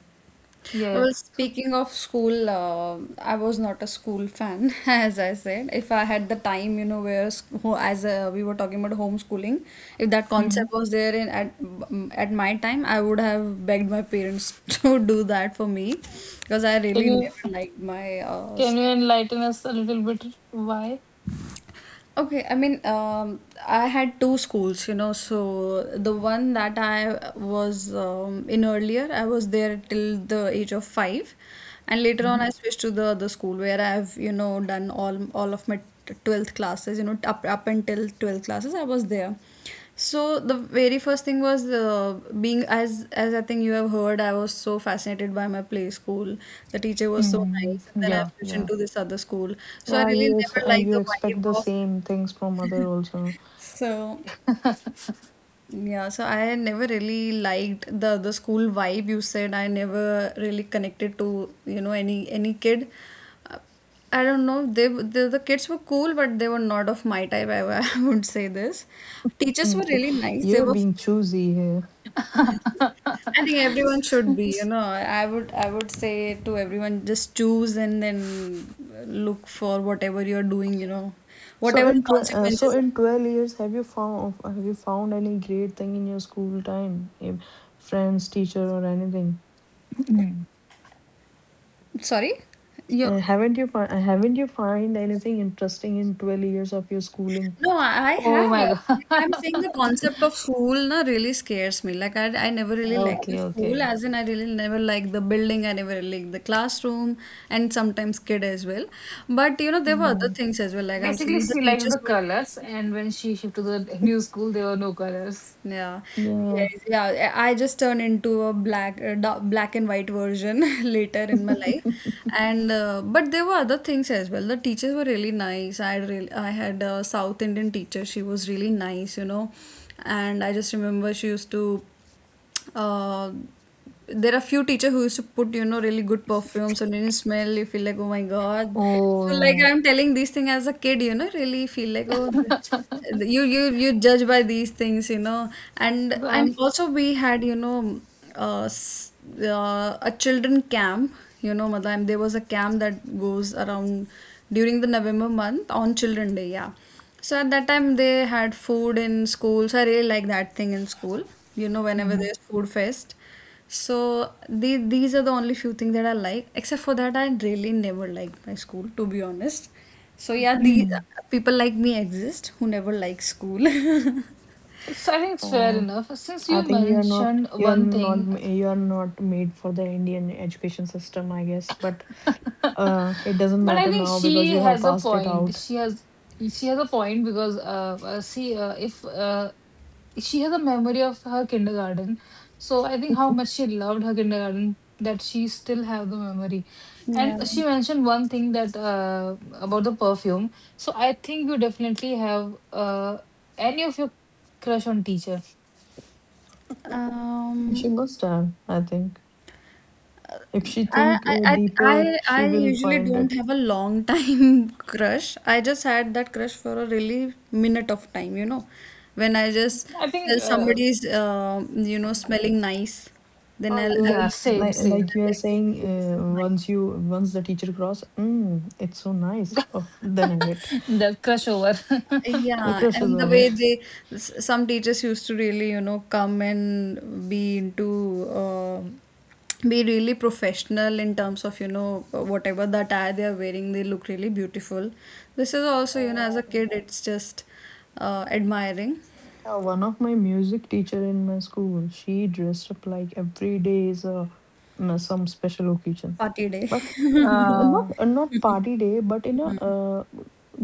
A: yeah, yeah.
C: Well, speaking of school, I was not a school fan, <laughs> as I said. If I had the time, you know, as we were talking about homeschooling, if that
A: Mm.
C: concept was there in at my time, I would have begged my parents <laughs> to do that for me, because I
A: Can
C: really
A: you
C: never liked my.
A: can you enlighten us a little bit why?
C: Okay, I mean, I had two schools, you know. So the one that I was in earlier, I was there till the age of 5, and later on
A: Mhm.
C: I switched to the other school where I've, you know, done all of my 12th classes, you know, up until 12th classes, I was there. So the very first thing was being as I think you have heard, I was so fascinated by my play school. The teacher was so
A: Mm.
C: nice, and then I
A: Yeah,
C: switched
A: yeah.
C: into this other school. So I
B: Yeah,
C: really
B: you ex-
C: never
B: uh,
C: liked
B: you
C: the
B: expect
C: vibe
B: the
C: of.
B: same things from other also.
C: So,
A: <laughs>
C: yeah, so I never really liked the school vibe, you said. I never really connected to, you know, any kid. Uh, I don't know. The kids were cool, but they were not of my type. I, <laughs> I would say this. Teachers were
B: Mm.
C: really nice. They
B: You are
C: were.
B: being choosy here.
C: I think everyone should be, you know. I would say to everyone, just choose and then look for whatever you're doing, you know,
B: So
C: whatever
B: in
C: the
B: tw uh, so
C: consequences are.
B: in 12 years, have you found any great thing in your school time? If friends, teacher, or anything?
A: Mm.
C: Sorry, you.
B: Haven't you find anything interesting in 12 years of your schooling?
C: No, I
A: Oh
C: have.
A: my
C: Like I'm
A: god. <laughs>
C: saying, the concept of school na really scares me. Like I never really liked the
A: Okay,
C: school,
A: okay.
C: as in I really never liked the building. I never really liked the classroom, and sometimes kid as well. But you know there were other
B: Hmm.
C: things as well. Like I'm
A: Basically,
C: saying the
A: she likes
C: teachers
A: the
C: were.
A: colors, and when she shifted to the new school, there were no colors.
C: Yeah.
B: Yeah.
C: Yes, yeah, I just turned into a black and white version <laughs> later in my life,
B: <laughs>
C: and but there were other things as well. The teachers were really nice. I had a South Indian teacher. She was really nice, you know, and I just remember she used to, uh, there are few teacher who used to put, you know, really good perfumes and any smell you feel like, oh my god. So like
A: Oh.
C: I'm telling these things as a kid, you know, really feel like, oh, you judge by these things, you know. and
A: So
C: and
A: I'm.
C: also we had, you know, uh, s- a children camp, you know, madam. There was a camp that goes around during the November month on children day, yeah. So at that time they had food in school. So I really like that thing in school. You know, whenever
A: Mhm.
C: there's food fest. So these are the only few things that I like. Except for that, I really never liked my school, to be honest. So yeah, these
A: Mm. <clears throat>
C: people like me exist who never like school. <laughs>
A: So I think it's fair
B: Uh,
A: enough. Since
B: I
A: you
B: think
A: mentioned
B: you are
A: one
B: not
A: thing,
B: m- you are not made for the Indian education system, I guess. But it doesn't
A: but I
B: matter
A: think
B: now because
A: she
B: you have
A: has a
B: passed it
A: point.
B: out.
A: She has a point because see, if she has a memory of her kindergarten, so I think how much she loved her kindergarten that she still have the memory.
C: Yeah.
A: And she mentioned one thing that about the perfume. So I think you definitely have any of your crush on teacher.
B: She
C: Um,
B: must have, I think. If she
C: I,
B: think
C: I,
B: deeper,
C: I, I
B: she
C: I
B: will
C: usually
B: find
C: don't
B: it.
C: have a long time <laughs> crush. I just had that crush for a really minute of time, you know, when I just
A: I think
C: felt somebody's, you know,
B: Mm.
C: smelling nice. Then
B: Oh,
C: I'll,
B: you are the-
C: I'll
A: yeah,
C: look at the
A: same
C: person
A: same.
B: like you
C: and
B: are
C: like,
B: saying
C: okay, this is nice.
B: once you once the teacher cross, it's so nice. Oh, then end it.
A: <laughs> That crush over.
B: The
C: Yeah,
A: <laughs>
B: crush is
C: and the
B: over.
C: way some teachers used to really, you know, come and be into, be really professional in terms of, you know, whatever the attire they are wearing, they look really beautiful. This is also, you
B: Oh,
C: know,
B: of
C: as a kid, it's just admiring
B: yeah, one of my music teacher in my school, she dressed up like every day is some special occasion,
C: party day.
B: but
C: <laughs>
A: uh,
B: not party day, but in a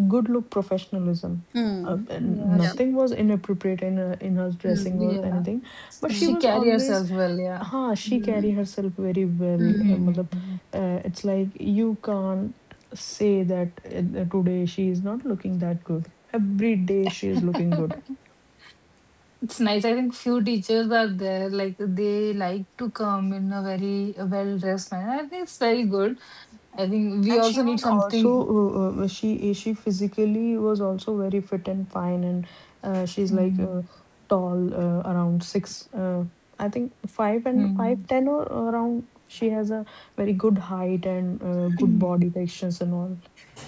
B: good look professionalism.
C: Hmm.
B: And
A: yeah,
C: Yeah.
B: nothing was inappropriate in her dressing
C: Hmm.
B: or
A: yeah.
B: anything, but she
C: Hmm.
A: She
B: was
A: carry
B: always
A: herself well, yeah.
B: हाँ, she carry
C: Hmm.
B: herself very well. मतलब,
A: Mhm.
B: it's like you can't say that today she is not looking that good. Every day she is looking good.
A: <laughs> It's nice. I think few teachers are there, like, they like to come in a very well dressed manner. I think it's very good. I think we
B: And she
A: also need
B: was also
A: something.
B: she physically was also very fit and fine, and she's like
A: Mhm,
B: tall, around six. I think five and five
A: mhm.
B: ten or around. She has a very good height and good
A: <clears throat>
B: body textures and all.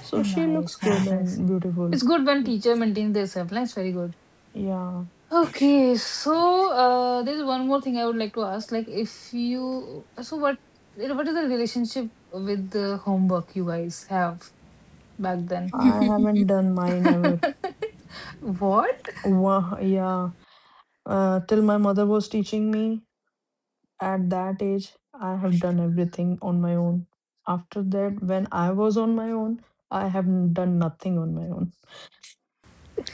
B: So she looks
A: Nice,
B: good
A: nice, nice.
B: and beautiful.
A: It's good when teacher maintains their self. That's very good.
B: Yeah.
A: Okay, so there's one more thing I would like to ask. Like, if you, so what is the relationship with the homework you guys have back then?
B: I haven't done mine ever.
A: <laughs> What?
B: Wow, yeah. Till my mother was teaching me at that age, I have done everything on my own. After that, when I was on my own, I haven't done nothing on my own.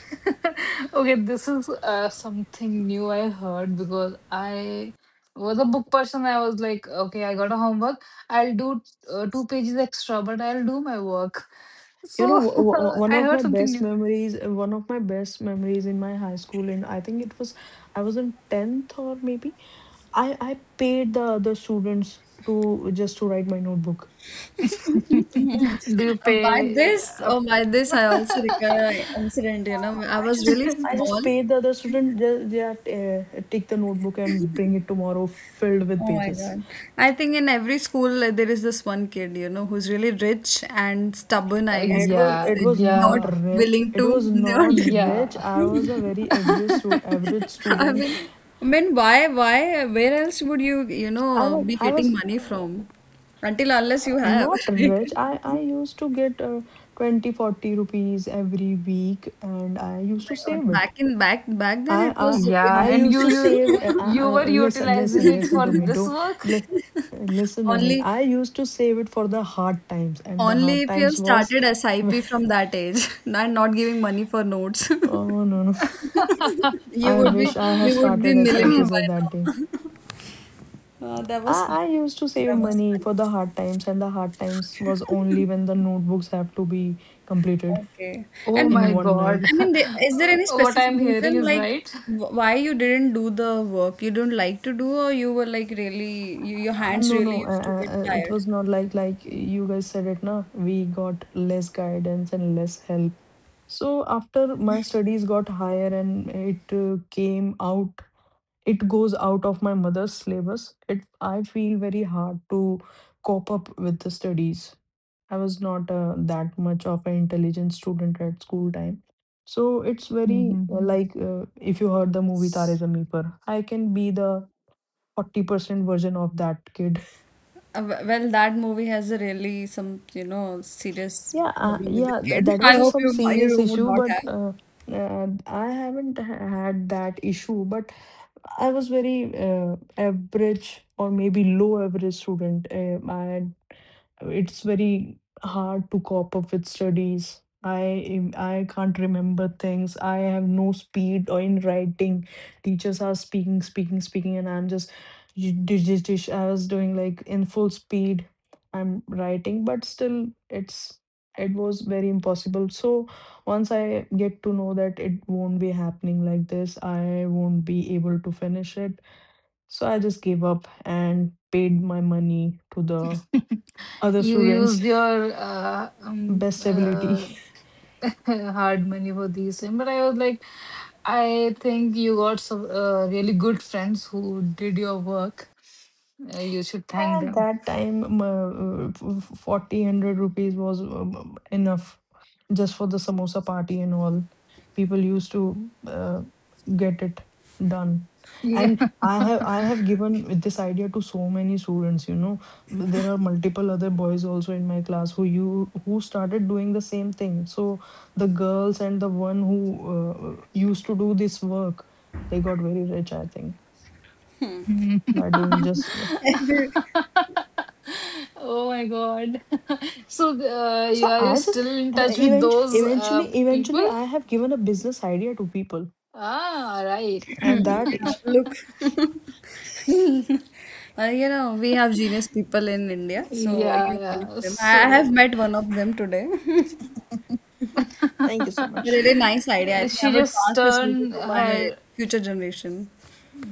A: <laughs> Okay, this is something new I heard because I was a book person. I was like, okay, I got a homework. I'll do two pages extra, but I'll do my work.
B: You know,
A: So <laughs> I heard something new.
B: one of my best memories in my high school, and I think I was in 10th or maybe, I paid the other students to just to write my notebook.
A: <laughs> Do you
C: By
A: pay
C: this, oh,
A: up?
C: by this, I also recall an
A: <laughs>
C: incident. You know, I
B: I
C: was
B: just
C: really
B: I just
C: small.
B: paid the other student, they take the notebook and bring it tomorrow filled with
C: Oh my
B: pages.
C: God. I think in every school there is this one kid, you know, who's really rich and stubborn, I guess
B: It
C: you
B: was
C: would
A: Yeah,
B: it
C: say,
B: was
C: not
B: not
A: yeah,
B: rich.
C: willing
B: It was
C: to, not, <laughs>
B: not rich.
A: yeah.
B: I was a very average
A: <laughs>
B: average
C: I
B: student.
C: mean, I mean, why, where else would you, you
B: I
C: know,
B: was
C: be
B: I
C: getting
B: was
C: money
B: uh,
C: from? Until unless you have,
B: not
C: <laughs> right?
B: rich. I used to get 20 40 rupees every week and I
C: Oh
B: used to
C: my God.
B: save it.
C: Back in back back then it
B: I
C: was a big
A: Yeah,
B: I
C: deal.
A: and
B: used
A: you
B: to
A: you
B: save.
A: you were
B: Listen,
A: utilizing
B: listen,
A: it
B: listen
A: for
B: to me.
A: this
B: Don't
A: work?
B: li- listen
C: <laughs>
B: to me.
C: only
B: I used to save it for the hard times, and the
C: only
B: hard
C: if you have
B: times was.
C: started
B: <laughs>
C: SIP from that age <laughs> and not giving money for notes. <laughs>
B: Oh no no!
C: You
B: I
C: would be
A: <laughs>
B: wish I have
C: you would be
B: started
C: millionaire
B: SIPs
C: by
B: at that day.
C: now. <laughs> That was fun.
B: I used to save
C: That was
B: money
C: fun.
B: for the hard times, and the hard times was only when the notebooks have to be completed
C: Okay.
A: Oh
C: And
B: in
A: my
B: one night.
A: god.
C: is there any
A: <laughs> What
C: specific
A: I'm hearing
C: reason,
A: is
C: like,
A: right. <laughs>
C: why you didn't do the work you don't like to do, or you were like really, your hands
B: No,
C: really
B: no,
C: used to get
B: it
C: tired?
B: was not like you guys said it, na. We got less guidance and less help. So after my studies got higher and it came out, it goes out of my mother's syllabus. It I feel very hard to cope up with the studies. I was not that much of an intelligent student at school time. So it's very
A: Mhm.
B: like if you heard the movie Tare Zameen Par, I can be the 40% version of that kid.
C: Well, that movie has a really some, you know, serious
B: Yeah,
C: problem with the kid.
B: that
C: <laughs> I
B: was
C: hope
B: some
C: you
B: serious
C: would
B: issue,
C: not
B: but
C: have.
B: I haven't had that issue. But I was very average or maybe low average student. I It's very hard to cope up with studies. I can't remember things. I have no speed or in writing. Teachers are speaking, speaking, speaking, and I'm just j- j- j- j- I was doing like in full speed. I'm writing, but still, it was very impossible. So once I get to know that it won't be happening like this, I won't be able to finish it. So I just gave up and paid my money to the other
A: You
B: students
A: used your
B: best ability. <laughs>
A: <laughs> hard money for these things, but I was like, I think you got some really good friends who did your work. You should thank
B: At
A: them.
B: that time, 40, 100 rupees was enough just for the samosa party and all. People used to get it done.
A: <laughs> Yeah.
B: And I have given this idea to so many students. There are multiple other boys also in my class who started doing the same thing. So the girls and the one who used to do this work, they got very rich, I think,
A: Mhm.
B: by doing
A: <laughs>
B: just.
C: <laughs>
A: Oh my God. <laughs> So,
B: So
A: you
B: I just
A: still in
B: uh,
A: touch with
B: event
A: those
B: eventually eventually
A: people?
B: I have given a business idea to people
A: Ah, right.
B: at
C: <clears throat>
B: that
C: Yeah,
B: age.
C: look.
A: <laughs>
C: <laughs> You know, we have genius people in India. Mm. So
A: Yeah,
C: you're one of
A: yeah.
C: them. I have
A: So,
C: met one of them today. <laughs>
B: Thank you so
A: <laughs>
B: much.
C: Really nice idea. I
A: Uh,
C: think I
A: she
C: would
A: just
C: pass this movie
A: turned
C: to my
A: her,
C: future generation.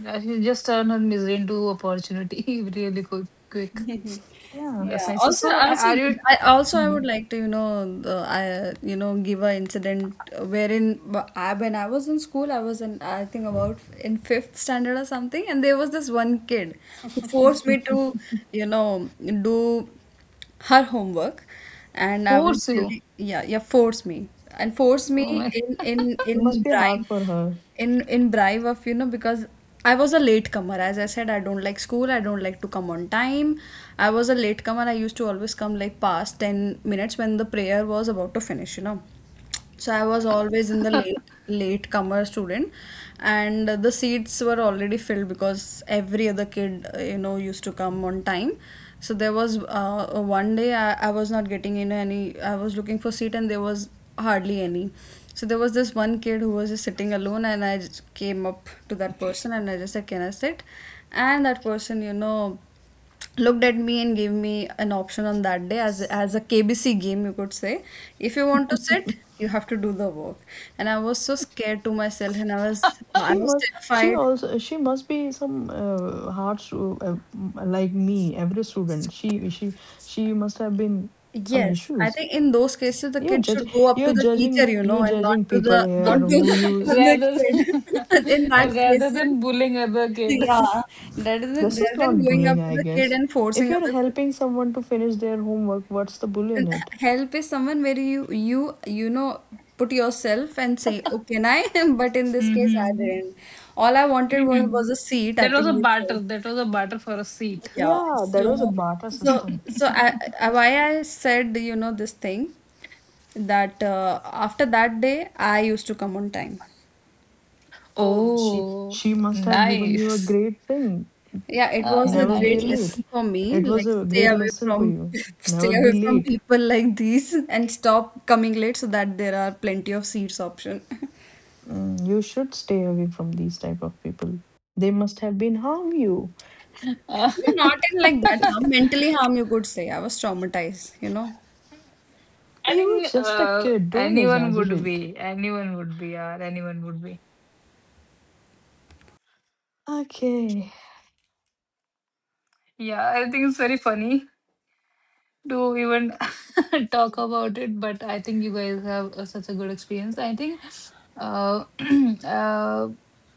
A: she just turned her misery into opportunity, <laughs> really quick, quick.
C: <laughs>
B: Yeah,
A: That's
C: Yeah.
A: nice.
C: Also, also,
A: Are you
C: I also I would
A: Mhm
C: like to, you know, I you know, give a incident wherein wh- I when I was in school, I think about in fifth standard or something, and there was this one kid who forced me to, you know, do her homework, and I
A: force
C: was
A: you?
C: really, yeah, forced me and forced me
A: Oh my.
C: in in
B: it
C: in
B: must be
C: bribe
B: hard for her.
C: in in bribe of, you know, because I was a latecomer. As I said, I don't like school, I don't like to come on time. I was a latecomer. I used to always come like past 10 minutes when the prayer was about to finish, you know, so I was always in the late comer student, and the seats were already filled because every other kid, you know, used to come on time. So there was, one day I, was not getting in any, I was looking for seat and there was hardly any. So there was this one kid who was just sitting alone, and I just came up to that person and I just said, can I sit? And that person, you know, looked at me and gave me an option on that day as a KBC game, you could say. If you want to sit, you have to do the work. And I was so scared to myself, and I
B: She
C: was
B: must she
C: terrified.
B: also she must be some like me every student. She must have been some
C: Yes, I
B: issues.
C: think in those cases the
B: You're
C: kid should
B: judging
C: go up to
B: you're
C: the teacher,
B: judging
C: you know,
B: you're
C: and
B: judging
C: not to
B: people
C: the not
B: here,
C: to
B: who
C: the <laughs>
B: you
C: other
A: Rather
C: kid. <laughs> In
A: <laughs>
C: that
A: rather
C: cases.
A: than bullying other kid.
C: Yeah. rather than
B: this is
C: rather than
B: not
C: going
B: bullying,
C: up to
B: I
C: the kid
B: guess.
C: and
B: If
C: forcing
B: you're
C: other,
B: helping someone to finish their homework, what's the bully in
C: and
B: it?
C: help is someone where you know, put yourself and say, oh, can I? <laughs> But in this case I
A: Hmm.
C: didn't, all I wanted was a
A: <clears throat>
C: seat. I
A: That was a
C: think we chose,
A: barter. That was a barter for a seat.
C: yeah,
B: Yeah, that was a barter system.
C: so I, why I said, you know, this thing that, after that day I used to come on time.
B: So she
A: Oh,
B: she must have given you a
A: nice.
B: great thing.
C: Yeah, it was a
B: Never be
C: great
B: late.
C: lesson
A: Nice.
C: for me.
B: It was
C: Like,
B: a
C: stay
B: great
C: away
B: lesson for
C: from
B: you.
C: <laughs> stay
B: Never be
C: away from
B: late.
C: people like these and stop coming late so that there are plenty of seats option. <laughs> I
B: You should stay away from these type of people. They must have been harm you.
A: Uh,
C: mean, not in
A: <laughs>
C: like that harm, mentally harm you could say. I was traumatized, you know.
A: I
B: You were
A: think
B: just a kid. Don't
A: anyone would
B: exaggerate.
A: be. Anyone would be. Yeah, anyone would be.
B: Okay.
A: Yeah, I think it's very funny to even <laughs> talk about it, but I think you guys have such a good experience. I think uh, <clears throat> uh,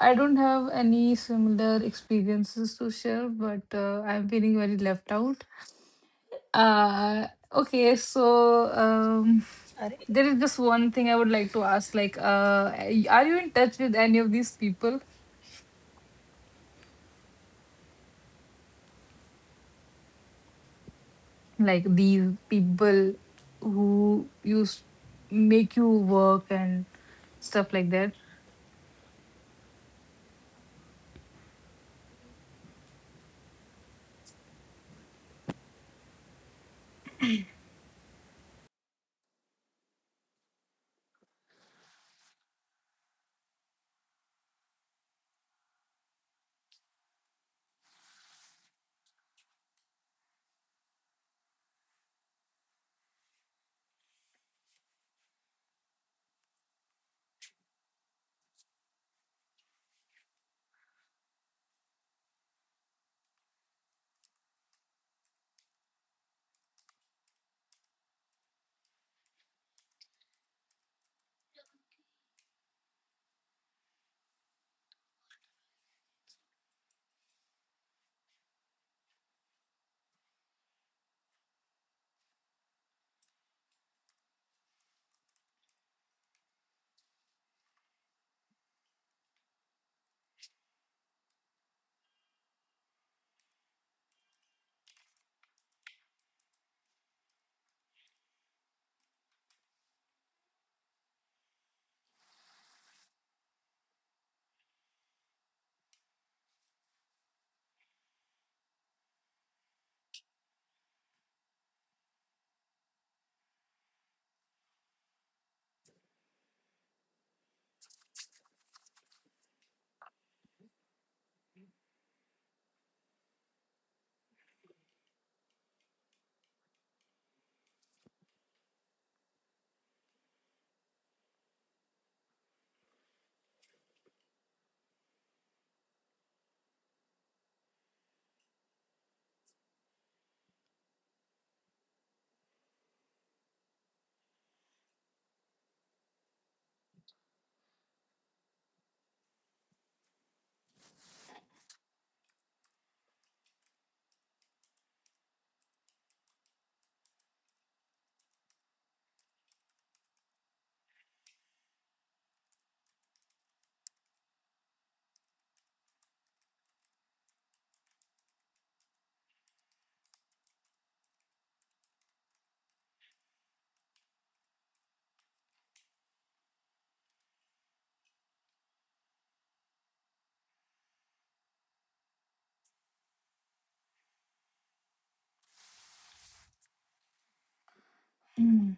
A: I don't have any similar experiences to share, but I'm feeling very left out. Uh, okay, so
B: Are
A: there is just one thing I would like to ask. Like, are you in touch with any of these people? Like, these people who used make you work and stuff like that. Mm.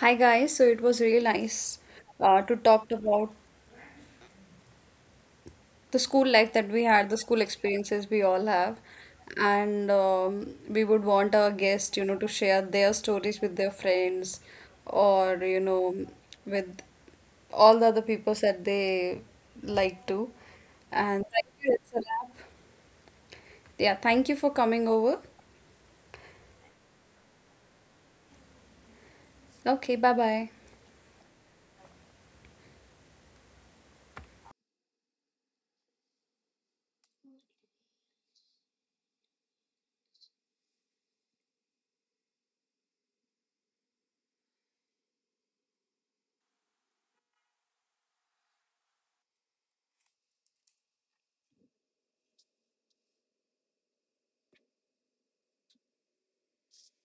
C: Hi guys, so it was really nice to talk about the school life that we had, the school experiences we all have, and we would want our guests, you know, to share their stories with their friends or, you know, with all the other people that they like to. And thank you, it's a wrap. Yeah, thank you for coming over. Okay, bye bye.